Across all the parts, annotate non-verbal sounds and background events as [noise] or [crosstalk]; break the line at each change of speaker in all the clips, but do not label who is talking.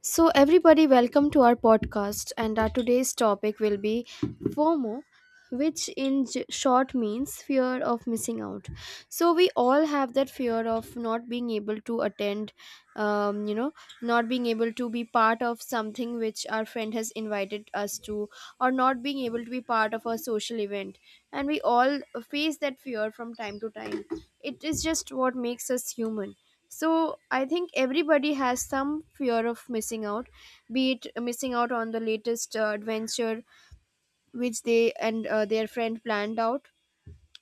So, everybody, welcome to our podcast. And our today's topic will be FOMO, which in short means fear of missing out. So, we all have that fear of not being able to attend, um, you know, not being able to be part of something which our friend has invited us to, or not being able to be part of a social event. And we all face that fear from time to time. It is just what makes us human. So I think everybody has some fear of missing out, be it missing out on the latest adventure which they and their friend planned out,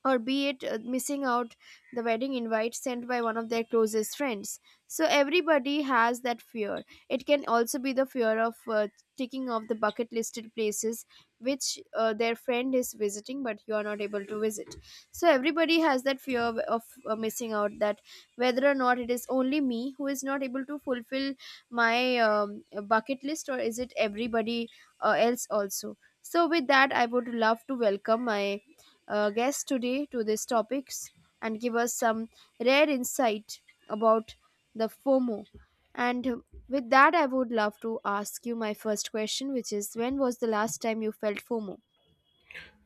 or be it missing out the wedding invite sent by one of their closest friends. So everybody has that fear. It can also be the fear of ticking off the bucket listed places which their friend is visiting but you are not able to visit. So everybody has that fear of missing out, that whether or not it is only me who is not able to fulfill my bucket list, or is it everybody else also. So with that, I would love to welcome my guest today to these topics and give us some rare insight about the FOMO. And with that, I would love to ask you my first question, which is when was the last time you felt FOMO?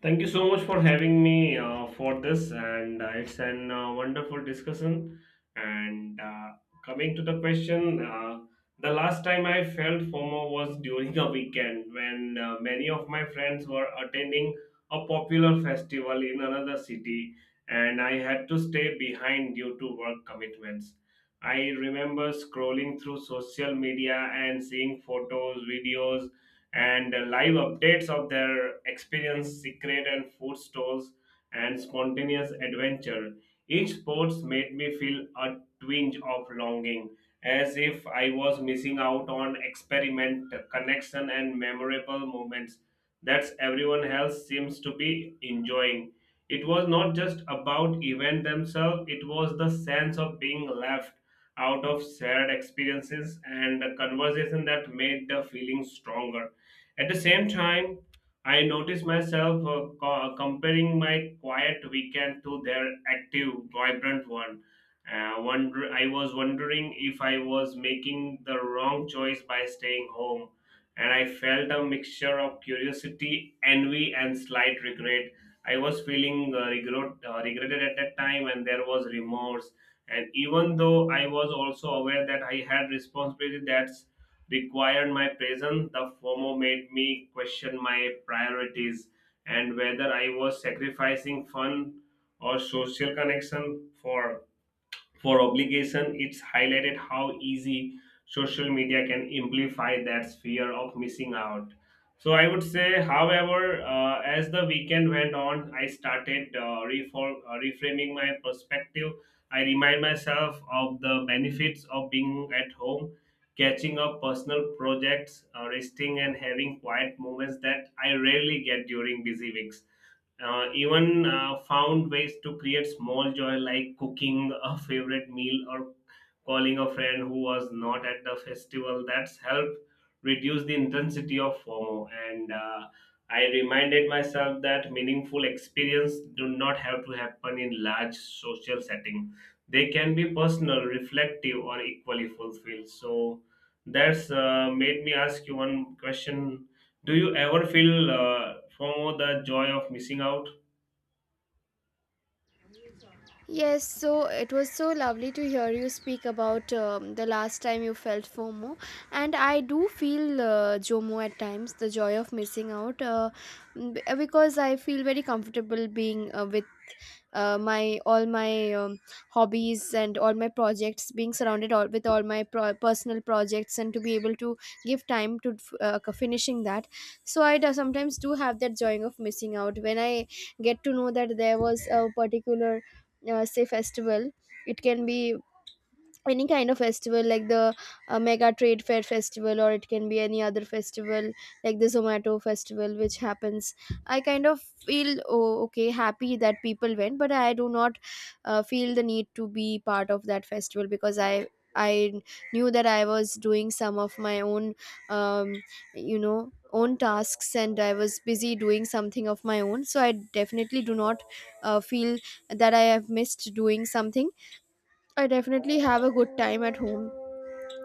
Thank you so much for having me for this, and it's an wonderful discussion. And coming to the question, the last time I felt FOMO was [laughs] during a weekend when many of my friends were attending a popular festival in another city, and I had to stay behind due to work commitments. I remember scrolling through social media and seeing photos, videos, and live updates of their experience, secret and food stores, and spontaneous adventure. Each sports made me feel a twinge of longing, as if I was missing out on experiment, connection, and memorable moments that everyone else seems to be enjoying. It was not just about event themselves; it was the sense of being left out of shared experiences and the conversation that made the feeling stronger at the same time. I notice myself comparing my quiet weekend to their active, vibrant one. I was wondering if I was making the wrong choice by staying home, and I felt a mixture of curiosity, envy, and slight regret. I was feeling regretted at that time, and there was remorse. And even though I was also aware that I had responsibility that's required my presence, the FOMO made me question my priorities and whether I was sacrificing fun or social connection for obligation. It's highlighted how easy social media can amplify that fear of missing out. So I would say, however, as the weekend went on, I started reframing my perspective. I remind myself of the benefits of being at home, catching up personal projects, resting, and having quiet moments that I rarely get during busy weeks. Even Found ways to create small joy like cooking a favorite meal or calling a friend who was not at the festival that's helped reduce the intensity of fomo, and I reminded myself that meaningful experience do not have to happen in large social setting. They can be personal reflective or equally fulfilled. So that's made me ask you one question: do you ever feel fomo, the joy of missing out?
Yes, so it was so lovely to hear you speak about the last time you felt FOMO. And I do feel JOMO at times, the joy of missing out, because I feel very comfortable being with my all my hobbies and all my projects, being surrounded with all my personal projects, and to be able to give time to finishing that. So I do, sometimes do have that joy of missing out when I get to know that there was a particular, say, festival. It can be any kind of festival like the mega trade fair festival, or it can be any other festival like the Zomato festival which happens. I kind of feel, oh, okay, happy that people went, but I do not feel the need to be part of that festival because I knew that I was doing some of my own um, you know own tasks and I was busy doing something of my own. So I definitely do not feel that I have missed doing something. I definitely have a good time at home,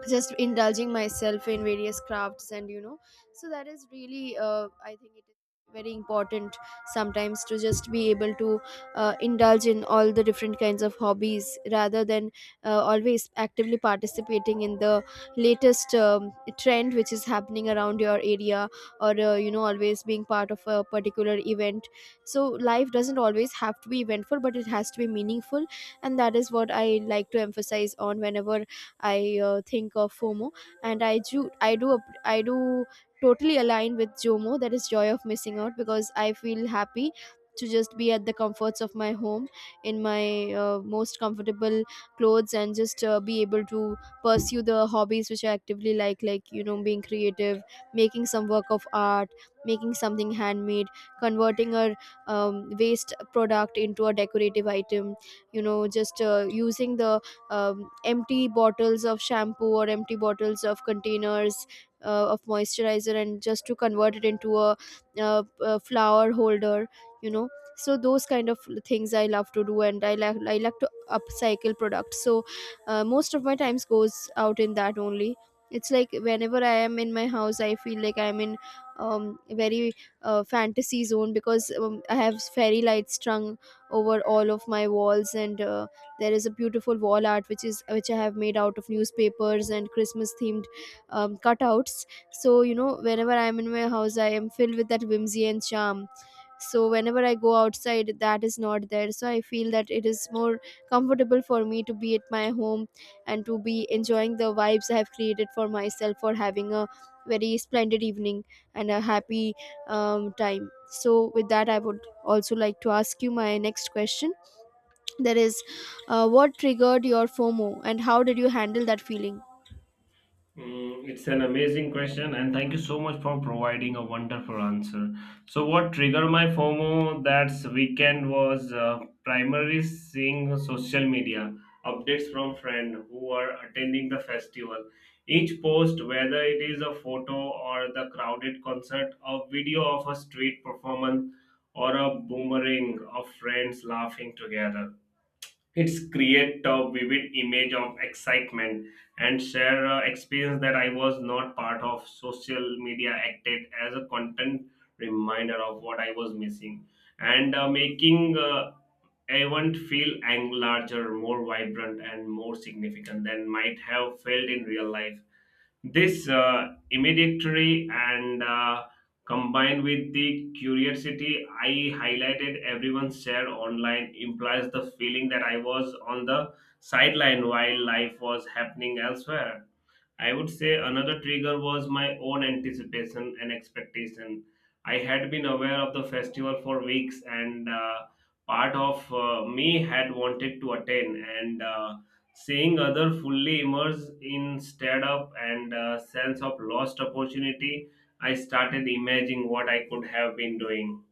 just indulging myself in various crafts. And so that is really, I think it is very important sometimes to just be able to indulge in all the different kinds of hobbies rather than always actively participating in the latest trend which is happening around your area, or always being part of a particular event. So life doesn't always have to be eventful, but it has to be meaningful, and that is what I like to emphasize on whenever I think of FOMO, and I do totally align with JOMO. That is joy of missing out because I feel happy to just be at the comforts of my home, in my most comfortable clothes, and just be able to pursue the hobbies which I actively like, being creative, making some work of art, making something handmade, converting a waste product into a decorative item, just using the empty bottles of shampoo or empty bottles of containers of moisturizer, and just to convert it into a flower holder. you know so those kind of things I love to do, and I like to upcycle products. So most of my times goes out in that only. It's like whenever I am in my house, I feel like I'm in very fantasy zone because I have fairy lights strung over all of my walls, and there is a beautiful wall art which I have made out of newspapers and Christmas themed cutouts. So whenever I'm in my house I am filled with that whimsy and charm. So whenever I go outside that is not there, so I feel that it is more comfortable for me to be at my home and to be enjoying the vibes I have created for myself for having a very splendid evening and a happy time. So with that, I would also like to ask you my next question. There is, what triggered your FOMO and how did you handle that feeling?
Mm, it's an amazing question, and thank you so much for providing a wonderful answer. So, what triggered my FOMO that weekend was primarily seeing social media updates from friends who are attending the festival. Each post, whether it is a photo or the crowded concert, a video of a street performance, or a boomerang of friends laughing together, it's create a vivid image of excitement and share a experience that I was not part of. Social media acted as a content reminder of what I was missing, and making event feel larger, more vibrant, and more significant than might have felt in real life. This immediately and combined with the curiosity I highlighted everyone shared online implies the feeling that I was on the sideline while life was happening elsewhere. I would say another trigger was my own anticipation and expectation. I had been aware of the festival for weeks, and part of me had wanted to attend. And seeing other fully immersed in stand up and sense of lost opportunity, I started imagining what I could have been doing,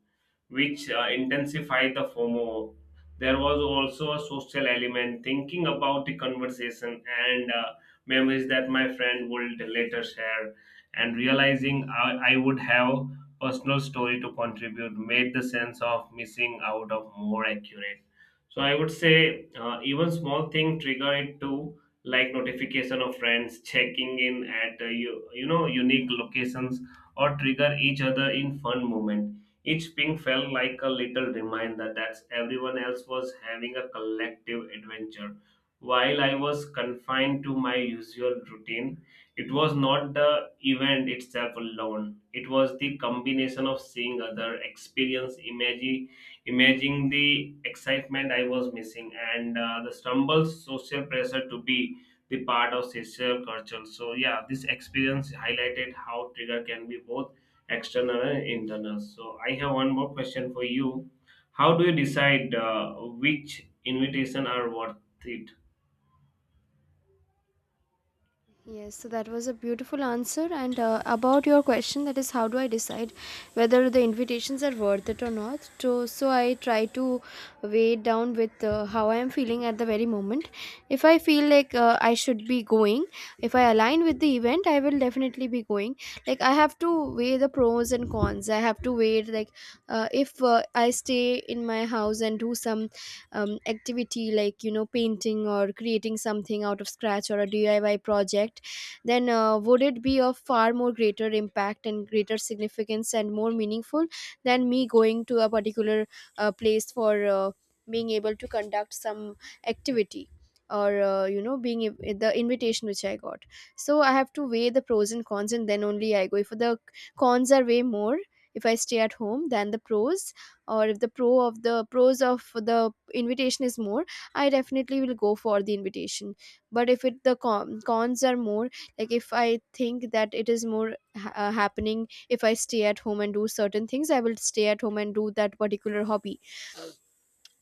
which intensified the FOMO. There was also a social element, thinking about the conversation and memories that my friend would later share, and realizing I would have personal story to contribute made the sense of missing out of more accurate. So I would say even small thing trigger it too, like notification of friends, checking in at unique locations, or trigger each other in fun moment. Each ping felt like a little reminder that everyone else was having a collective adventure. While I was confined to my usual routine, it was not the event itself alone. It was the combination of seeing other experience, imagining the excitement I was missing, and the stumble social pressure to be the part of social culture. So yeah, this experience highlighted how trigger can be both external and internal. So I have one more question for you. How do you decide which invitation are worth it?
Yes, so that was a beautiful answer. And about your question, that is, how do I decide whether the invitations are worth it or not? So, I try to weigh it down with how I am feeling at the very moment. If I feel like I should be going, if I align with the event, I will definitely be going. Like I have to weigh the pros and cons. I have to weigh it, like if I stay in my house and do some activity like painting or creating something out of scratch or a DIY project, then would it be of far more greater impact and greater significance and more meaningful than me going to a particular place for being able to conduct some activity, or the invitation which I got. So I have to weigh the pros and cons, and then only I go if the cons are way more if I stay at home than the pros, or if the pros of the invitation is more, I definitely will go for the invitation. But if it the con- cons are more, like if I think that it is more happening if I stay at home and do certain things, I will stay at home and do that particular hobby.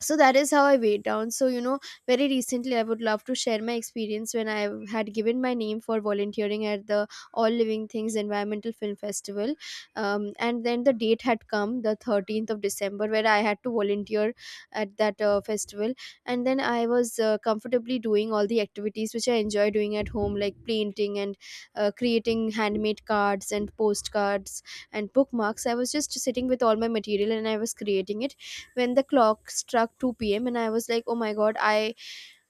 So that is how I weighed down. So very recently I would love to share my experience when I had given my name for volunteering at the All Living Things Environmental Film Festival. And then the date had come, the 13th of December, where I had to volunteer at that festival. And then I was comfortably doing all the activities which I enjoy doing at home like painting and creating handmade cards and postcards and bookmarks. I was just sitting with all my material and I was creating it when the clock struck 2 p.m., and I was like, oh my god, I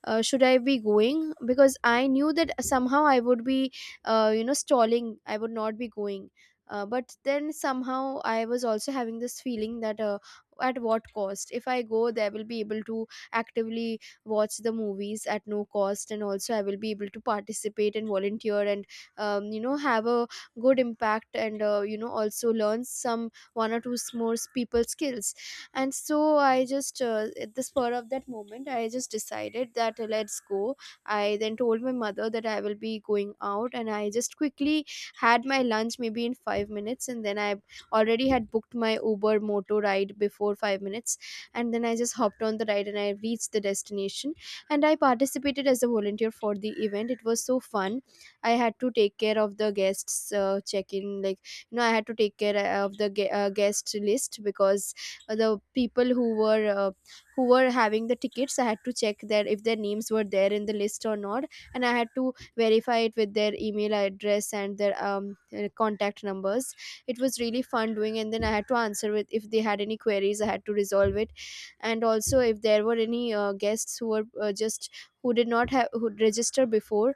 should I be going? Because I knew that somehow I would be, stalling. I would not be going. But then somehow I was also having this feeling that, at what cost? If I go, there will be able to actively watch the movies at no cost, and also I will be able to participate and volunteer and have a good impact, and also learn some one or two more people skills. And so I just, at the spur of that moment I just decided that, let's go. I then told my mother that I will be going out, and I just quickly had my lunch maybe in 5 minutes. And then I already had booked my Uber motor ride before 5 minutes, and then I just hopped on the ride and I reached the destination, and I participated as a volunteer for the event. It was so fun. I had to take care of the guests' check in, like, I had to take care of the guest list, because the people who were having the tickets, I had to check that if their names were there in the list or not. And I had to verify it with their email address and their contact numbers. It was really fun doing. And then I had to answer with, if they had any queries, I had to resolve it. And also if there were any guests who were, just who did not have who register before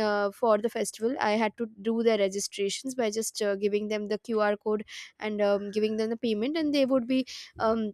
for the festival, I had to do their registrations by just giving them the QR code, and giving them the payment, and they would be um,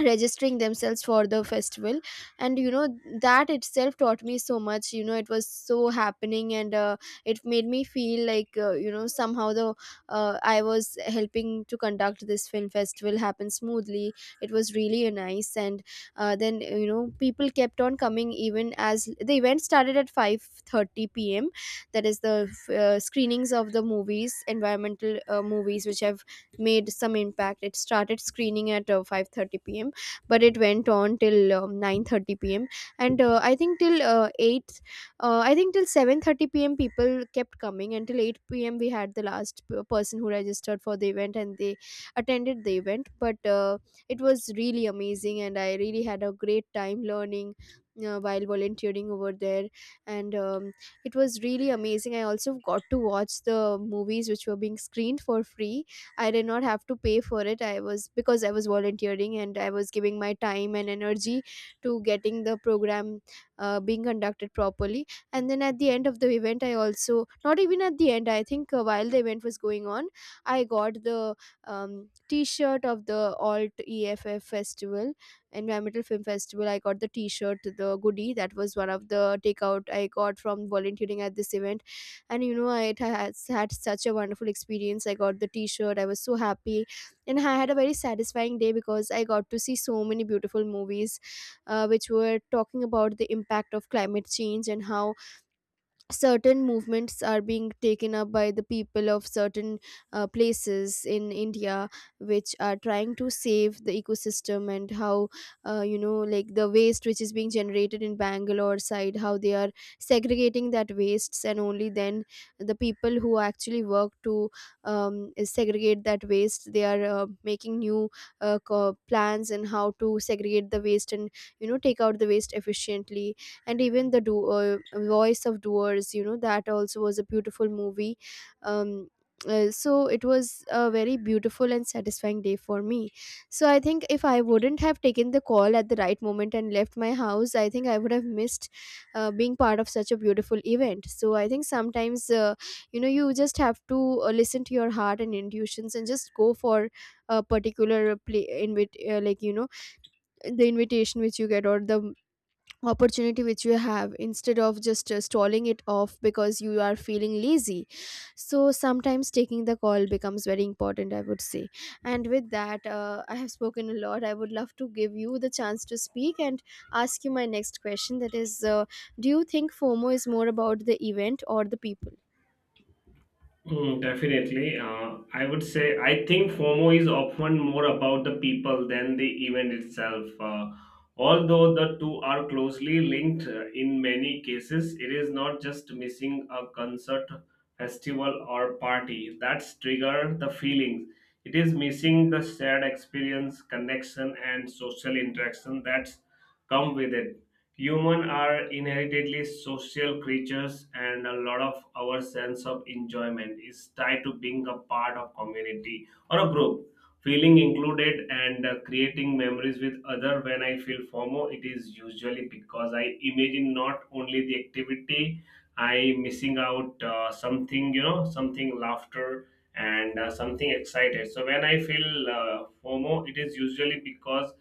registering themselves for the festival. And that itself taught me so much. It was so happening. And it made me feel like somehow the I was helping to conduct this film festival happen smoothly. It was really nice. And then people kept on coming even as The event started at 5:30 p.m. That is the screenings of the movies, environmental movies which have made some impact. It started screening at 5:30 p.m, but it went on till 9:30 p.m. And I think till uh, 8 uh, I think till 7:30 p.m. people kept coming. Until 8 p.m. we had the last person who registered for the event, and they attended the event. But it was really amazing and I really had a great time learning while volunteering over there. And It was really amazing. I also got to watch the movies which were being screened for free. I did not have to pay for it. I was because I was volunteering and I was giving my time and energy to getting the program being conducted properly. And then at the end of the event, I also, not even at the end, I think while the event was going on, I got the T-shirt of the Alt EFF Festival, Environmental Film Festival. I got the T-shirt, the goodie. That was one of the takeout I got from volunteering at this event. And you know, I had such a wonderful experience. I got the T-shirt, I was so happy. And I had a very satisfying day because I got to see so many beautiful movies, which were talking about the impact of climate change and how certain movements are being taken up by the people of certain places in India, which are trying to save the ecosystem, and how, like, the waste which is being generated in Bangalore side, how they are segregating that wastes, and only then the people who actually work to segregate that waste, they are making new plans and how to segregate the waste and, take out the waste efficiently. And even the do Voice of Doers, that also was a beautiful movie. Um uh, so it was a very beautiful and satisfying day for me. So I think if I wouldn't have taken the call at the right moment and left my house, I think I would have missed being part of such a beautiful event. So I think sometimes, you just have to listen to your heart and intuitions and just go for a particular play invite, the invitation which you get or the opportunity which you have, instead of just stalling it off because you are feeling lazy. So sometimes taking the call becomes very important, I would say. And with that, I have spoken a lot. I would love to give you the chance to speak and ask you my next question, that is, do you think FOMO is more about the event or the people?
Mm, definitely. I would say I think FOMO is often more about the people than the event itself. Although the two are closely linked in many cases, it is not just missing a concert, festival, or party that's trigger the feelings. It is missing the shared experience, connection, and social interaction that's come with it. Humans are inherently social creatures, and a lot of our sense of enjoyment is tied to being a part of community or a group, feeling included and creating memories with other. When I feel FOMO, it is usually because I imagine not only the activity, I missing out something, you know, something laughter and something excited. So when I feel FOMO, it is usually because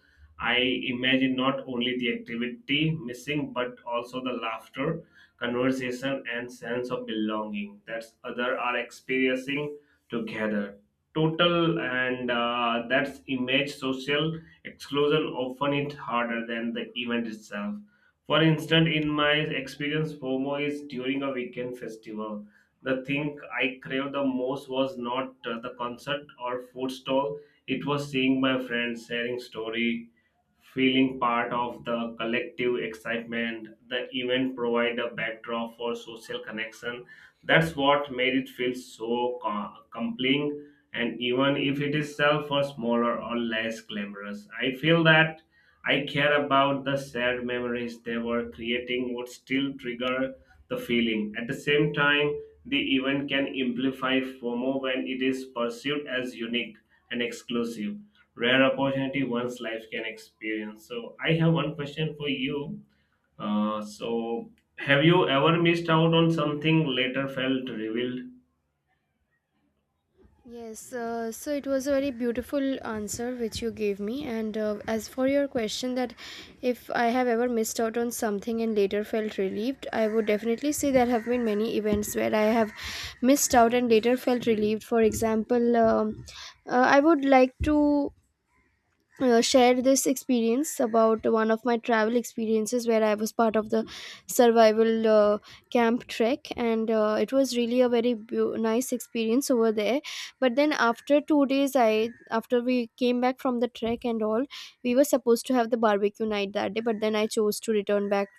I imagine not only the activity missing, but also the laughter, conversation, and sense of belonging that other are experiencing together. Total and that's image social exclusion often it harder than the event itself. For instance, in my experience, FOMO is during a weekend festival. The thing I craved the most was not the concert or food stall. It was seeing my friends, sharing story, feeling part of the collective excitement. The event provide a backdrop for social connection. That's what made it feel so compelling. And even if it is self or smaller or less glamorous, I feel that I care about the shared memories they were creating would still trigger the feeling. At the same time, the event can amplify FOMO when it is perceived as unique and exclusive. Rare opportunity one's life can experience. So, I have one question for you. Uh, so, have you ever missed out on something later felt revealed?
Yes, so it was a very beautiful answer which you gave me. And as for your question, that if I have ever missed out on something and later felt relieved, I would definitely say there have been many events where I have missed out and later felt relieved. For example, I would like to share this experience about one of my travel experiences where I was part of the survival camp trek, and it was really a very nice experience over there. But then after 2 days, I after we came back from the trek and all, we were supposed to have the barbecue night that day, but then I chose to return back.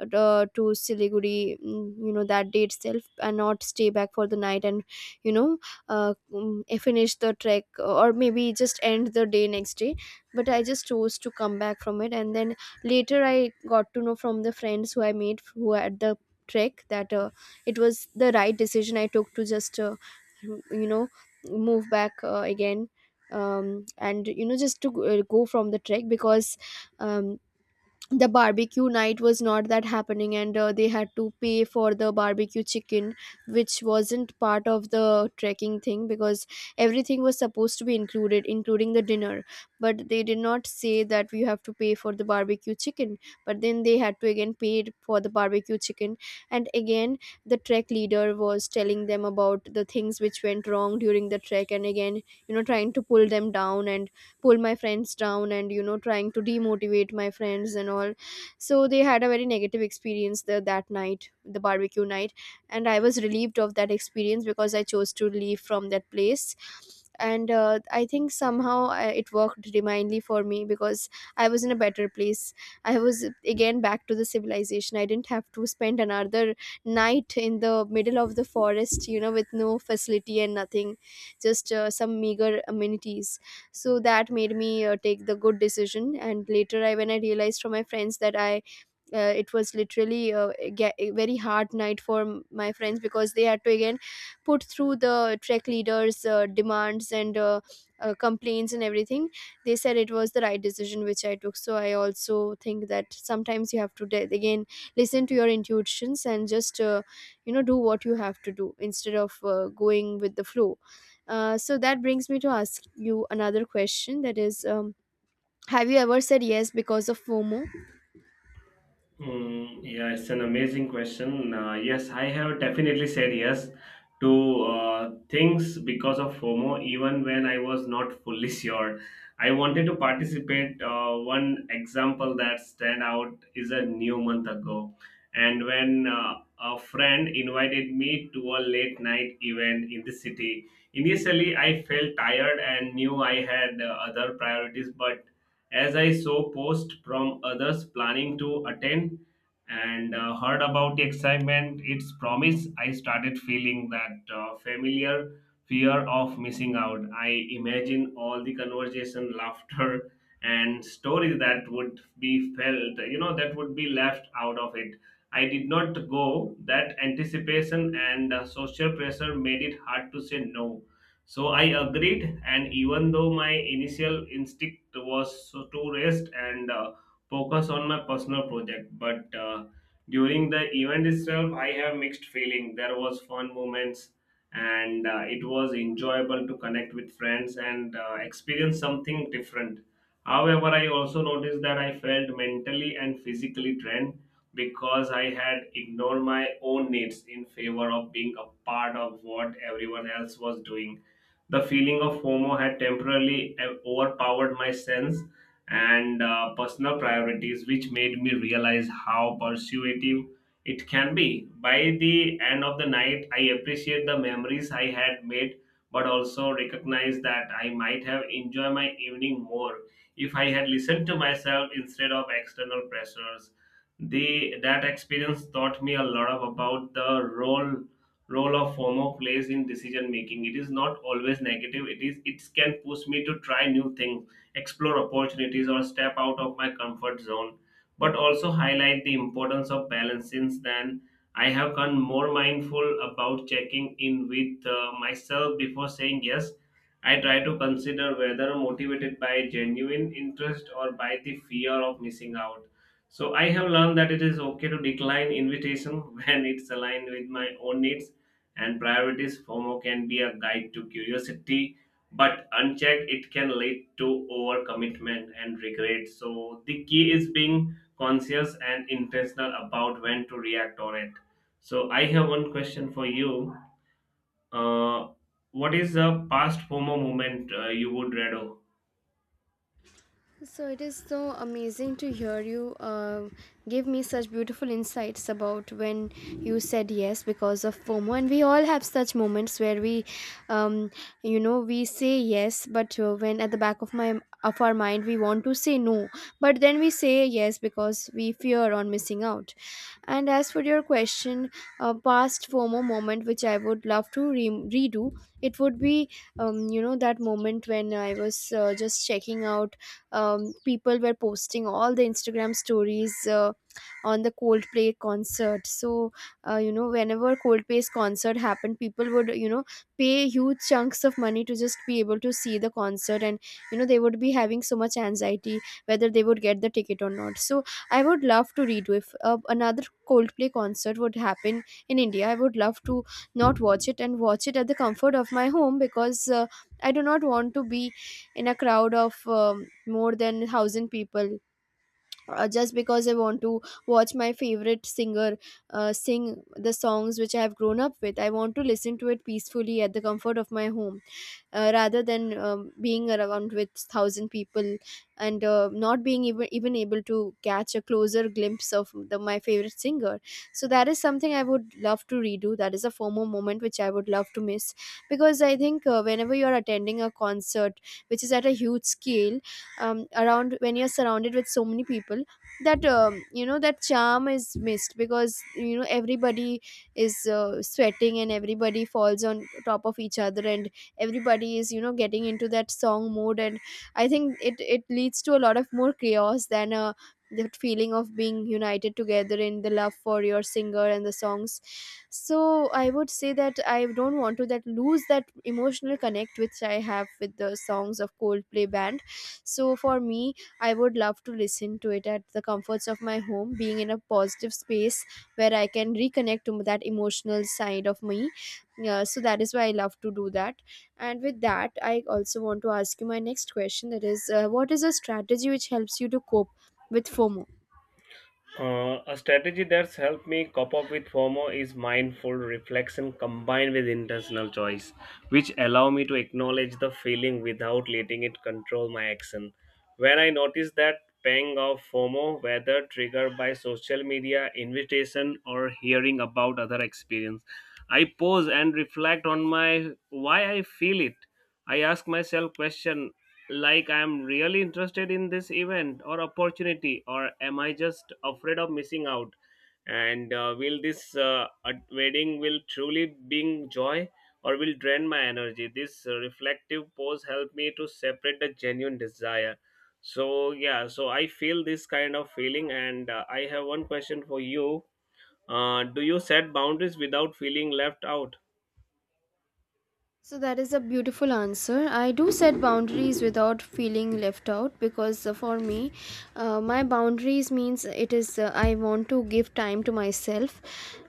To Siliguri, mm, you know, that day itself, and not stay back for the night, and you know, finish the trek or maybe just end the day next day. But I just chose to come back from it. And then later I got to know from the friends who I made, who were at the trek, that it was the right decision I took to just you know move back again, and you know just to go from the trek. Because um, the barbecue night was not that happening, and they had to pay for the barbecue chicken, which wasn't part of the trekking thing, because everything was supposed to be included, including the dinner. But they did not say that we have to pay for the barbecue chicken. But then they had to again pay it for the barbecue chicken. And again, the trek leader was telling them about the things which went wrong during the trek, and again, trying to pull them down and pull my friends down, and, trying to demotivate my friends and all. So they had a very negative experience there that night, the barbecue night. And I was relieved of that experience because I chose to leave from that place. And I think somehow it worked divinely for me. Because I was in a better place, I was again back to the civilization, I didn't have to spend another night in the middle of the forest, you know, with no facility and nothing, just some meager amenities. So that made me take the good decision. And later, I when I realized from my friends that I it was literally a very hard night for my friends, because they had to again put through the trek leaders demands and complaints and everything, they said it was the right decision which I took. So I also think that sometimes you have to again listen to your intuitions and just do what you have to do, instead of going with the flow. So that brings me to ask you another question, that is, have you ever said yes because of FOMO?
Mm, yeah, it's an amazing question. Yes, I have definitely said yes to things because of FOMO, even when I was not fully [laughs] sure. I wanted to participate. One example that stand out is a new month ago, and when a friend invited me to a late night event in the city. Initially, I felt tired and knew I had other priorities, but as I saw posts from others planning to attend and heard about the excitement, its promise, I started feeling that familiar fear of missing out. I imagine all the conversation, [laughs] laughter, and stories that would be felt, that would be left out of it. I did not go. That anticipation and social pressure made it hard to say no, so I agreed, and even though my initial instinct was so to rest and focus on my personal project, but during the event itself, I have mixed feeling. There was fun moments, and it was enjoyable to connect with friends and experience something different. However, I also noticed that I felt mentally and physically drained because I had ignored my own needs in favor of being a part of what everyone else was doing. The feeling of FOMO had temporarily overpowered my sense and personal priorities, which made me realize how persuasive it can be. By the end of the night, I appreciate the memories I had made, but also recognize that I might have enjoyed my evening more if I had listened to myself instead of external pressures. The that experience taught me a lot of about the role of FOMO plays in decision making. It is not always negative. It can push me to try new things, explore opportunities, or step out of my comfort zone. But also highlight the importance of balance. Since then, I have become more mindful about checking in with myself before saying yes. I try to consider whether motivated by genuine interest or by the fear of missing out. So I have learned that it is okay to decline invitation [laughs] when it's aligned with my own needs and priorities. FOMO can be a guide to curiosity, but unchecked, it can lead to overcommitment and regret. So, the key is being conscious and intentional about when to react on it. So, I have one question for you. Uh, what is the past FOMO moment you would read?
So it is so amazing to hear you give me such beautiful insights about when you said yes because of FOMO. And we all have such moments where um, we say yes, but when at the back of my of our mind we want to say no, but then we say yes because we fear on missing out. And as for your question, a past FOMO moment which I would love to redo, it would be, that moment when I was just checking out, people were posting all the Instagram stories on the Coldplay concert. So, whenever Coldplay's concert happened, people would, you know, pay huge chunks of money to just be able to see the concert. And, you know, they would be having so much anxiety whether they would get the ticket or not. So, I would love to redo if another Coldplay concert would happen in India. I would love to not watch it and watch it at the comfort of my home, because I do not want to be in a crowd of more than 1,000 people just because I want to watch my favorite singer sing the songs which I have grown up with. I want to listen to it peacefully at the comfort of my home, rather than being around with thousand people and not being even able to catch a closer glimpse of my favorite singer. So that is something I would love to redo. That is a FOMO moment which I would love to miss, because I think whenever you are attending a concert which is at a huge scale, around when you're surrounded with so many people, that you know that charm is missed, because you know everybody is sweating and everybody falls on top of each other, and everybody is, you know, getting into that song mode, and I think it leads to a lot of more chaos than a that feeling of being united together in the love for your singer and the songs. So I would say that I don't want to that lose that emotional connect which I have with the songs of Coldplay band. So for me, I would love to listen to it at the comforts of my home, being in a positive space where I can reconnect to that emotional side of me. Yeah, so that is why I love to do that. And with that, I also want to ask you my next question, that is, what is a strategy which helps you to cope with FOMO?
A strategy that's helped me cope up with FOMO is mindful reflection combined with intentional choice, which allow me to acknowledge the feeling without letting it control my action. When I notice that pang of FOMO, whether triggered by social media invitation or hearing about other experience, I pause and reflect on my why I feel it. I ask myself question like I'm really interested in this event or opportunity, or am I just afraid of missing out? And will this wedding will truly bring joy or will drain my energy? This reflective pose help me to separate the genuine desire. So yeah, so I feel this kind of feeling, and I have one question for you. Do you set boundaries without feeling left out?
So that is a beautiful answer. I do set boundaries without feeling left out, because for me, my boundaries means it is I want to give time to myself.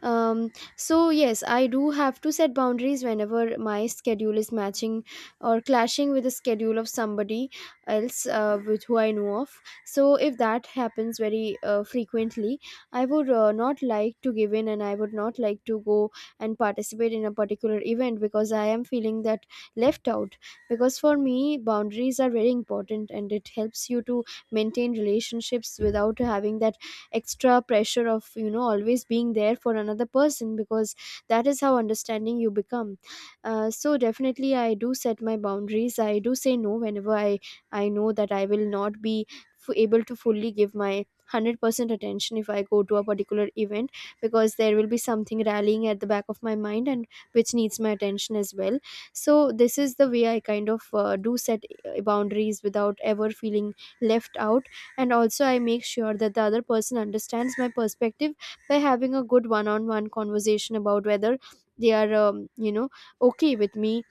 So yes, I do have to set boundaries whenever my schedule is matching or clashing with the schedule of somebody else with who I know of. So if that happens very frequently, I would not like to give in, and I would not like to go and participate in a particular event because I am feeling that left out. Because for me, boundaries are very important, and it helps you to maintain relationships without having that extra pressure of, you know, always being there for another person, because that is how understanding you become. So definitely I do set my boundaries. I do say no whenever I know that I will not be able to fully give my 100% attention if I go to a particular event, because there will be something rallying at the back of my mind, and which needs my attention as well. So this is the way I kind of do set boundaries without ever feeling left out. And also I make sure that the other person understands my perspective by having a good one-on-one conversation about whether they are, okay with me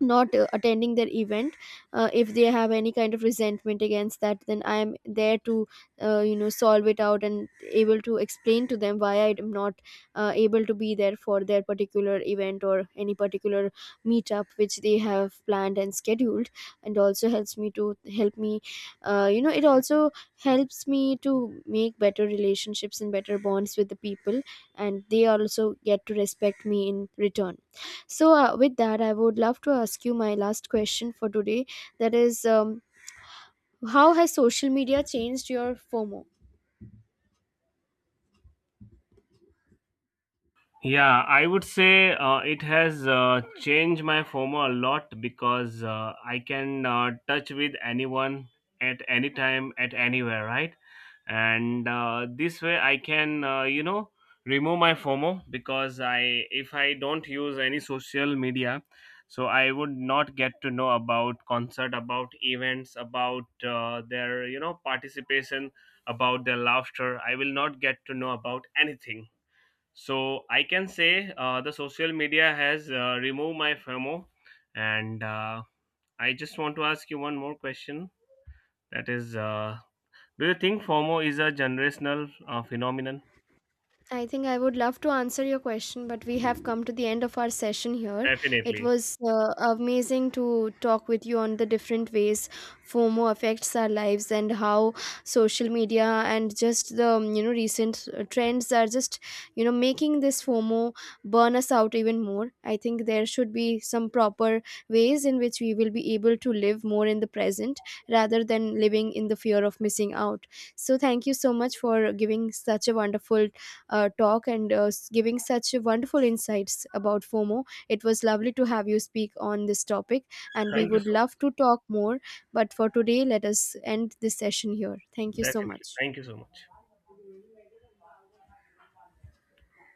not attending their event. If they have any kind of resentment against that, then I am there to solve it out, and able to explain to them why I am not able to be there for their particular event or any particular meetup which they have planned and scheduled. And also helps me to help me, it also helps me to make better relationships and better bonds with the people, and they also get to respect me in return. So, with that, I would love to ask you my last question for today. That is, how has social media changed your FOMO?
Yeah, I would say it has changed my FOMO a lot because I can touch with anyone at any time, at anywhere, right? And this way, I can, you know, remove my FOMO because if I don't use any social media, so I would not get to know about concert, about events, about their, you know, participation, about their laughter. I will not get to know about anything, so I can say the social media has removed my FOMO, and I just want to ask you one more question. That is, do you think FOMO is a generational phenomenon?
I think I would love to answer your question, but we have come to the end of our session here. It
Definitely.
was amazing to talk with you on the different ways FOMO affects our lives, and how social media and just the recent trends are just, you know, making this FOMO burn us out even more. I think there should be some proper ways in which we will be able to live more in the present, rather than living in the fear of missing out. So thank you so much for giving such a wonderful talk and giving such wonderful insights about FOMO. It was lovely to have you speak on this topic, and we
Thank you
would
so
love to talk more. But for today, let us end this session here. Thank
much.
you so
Definitely.
much.
Thank you so much.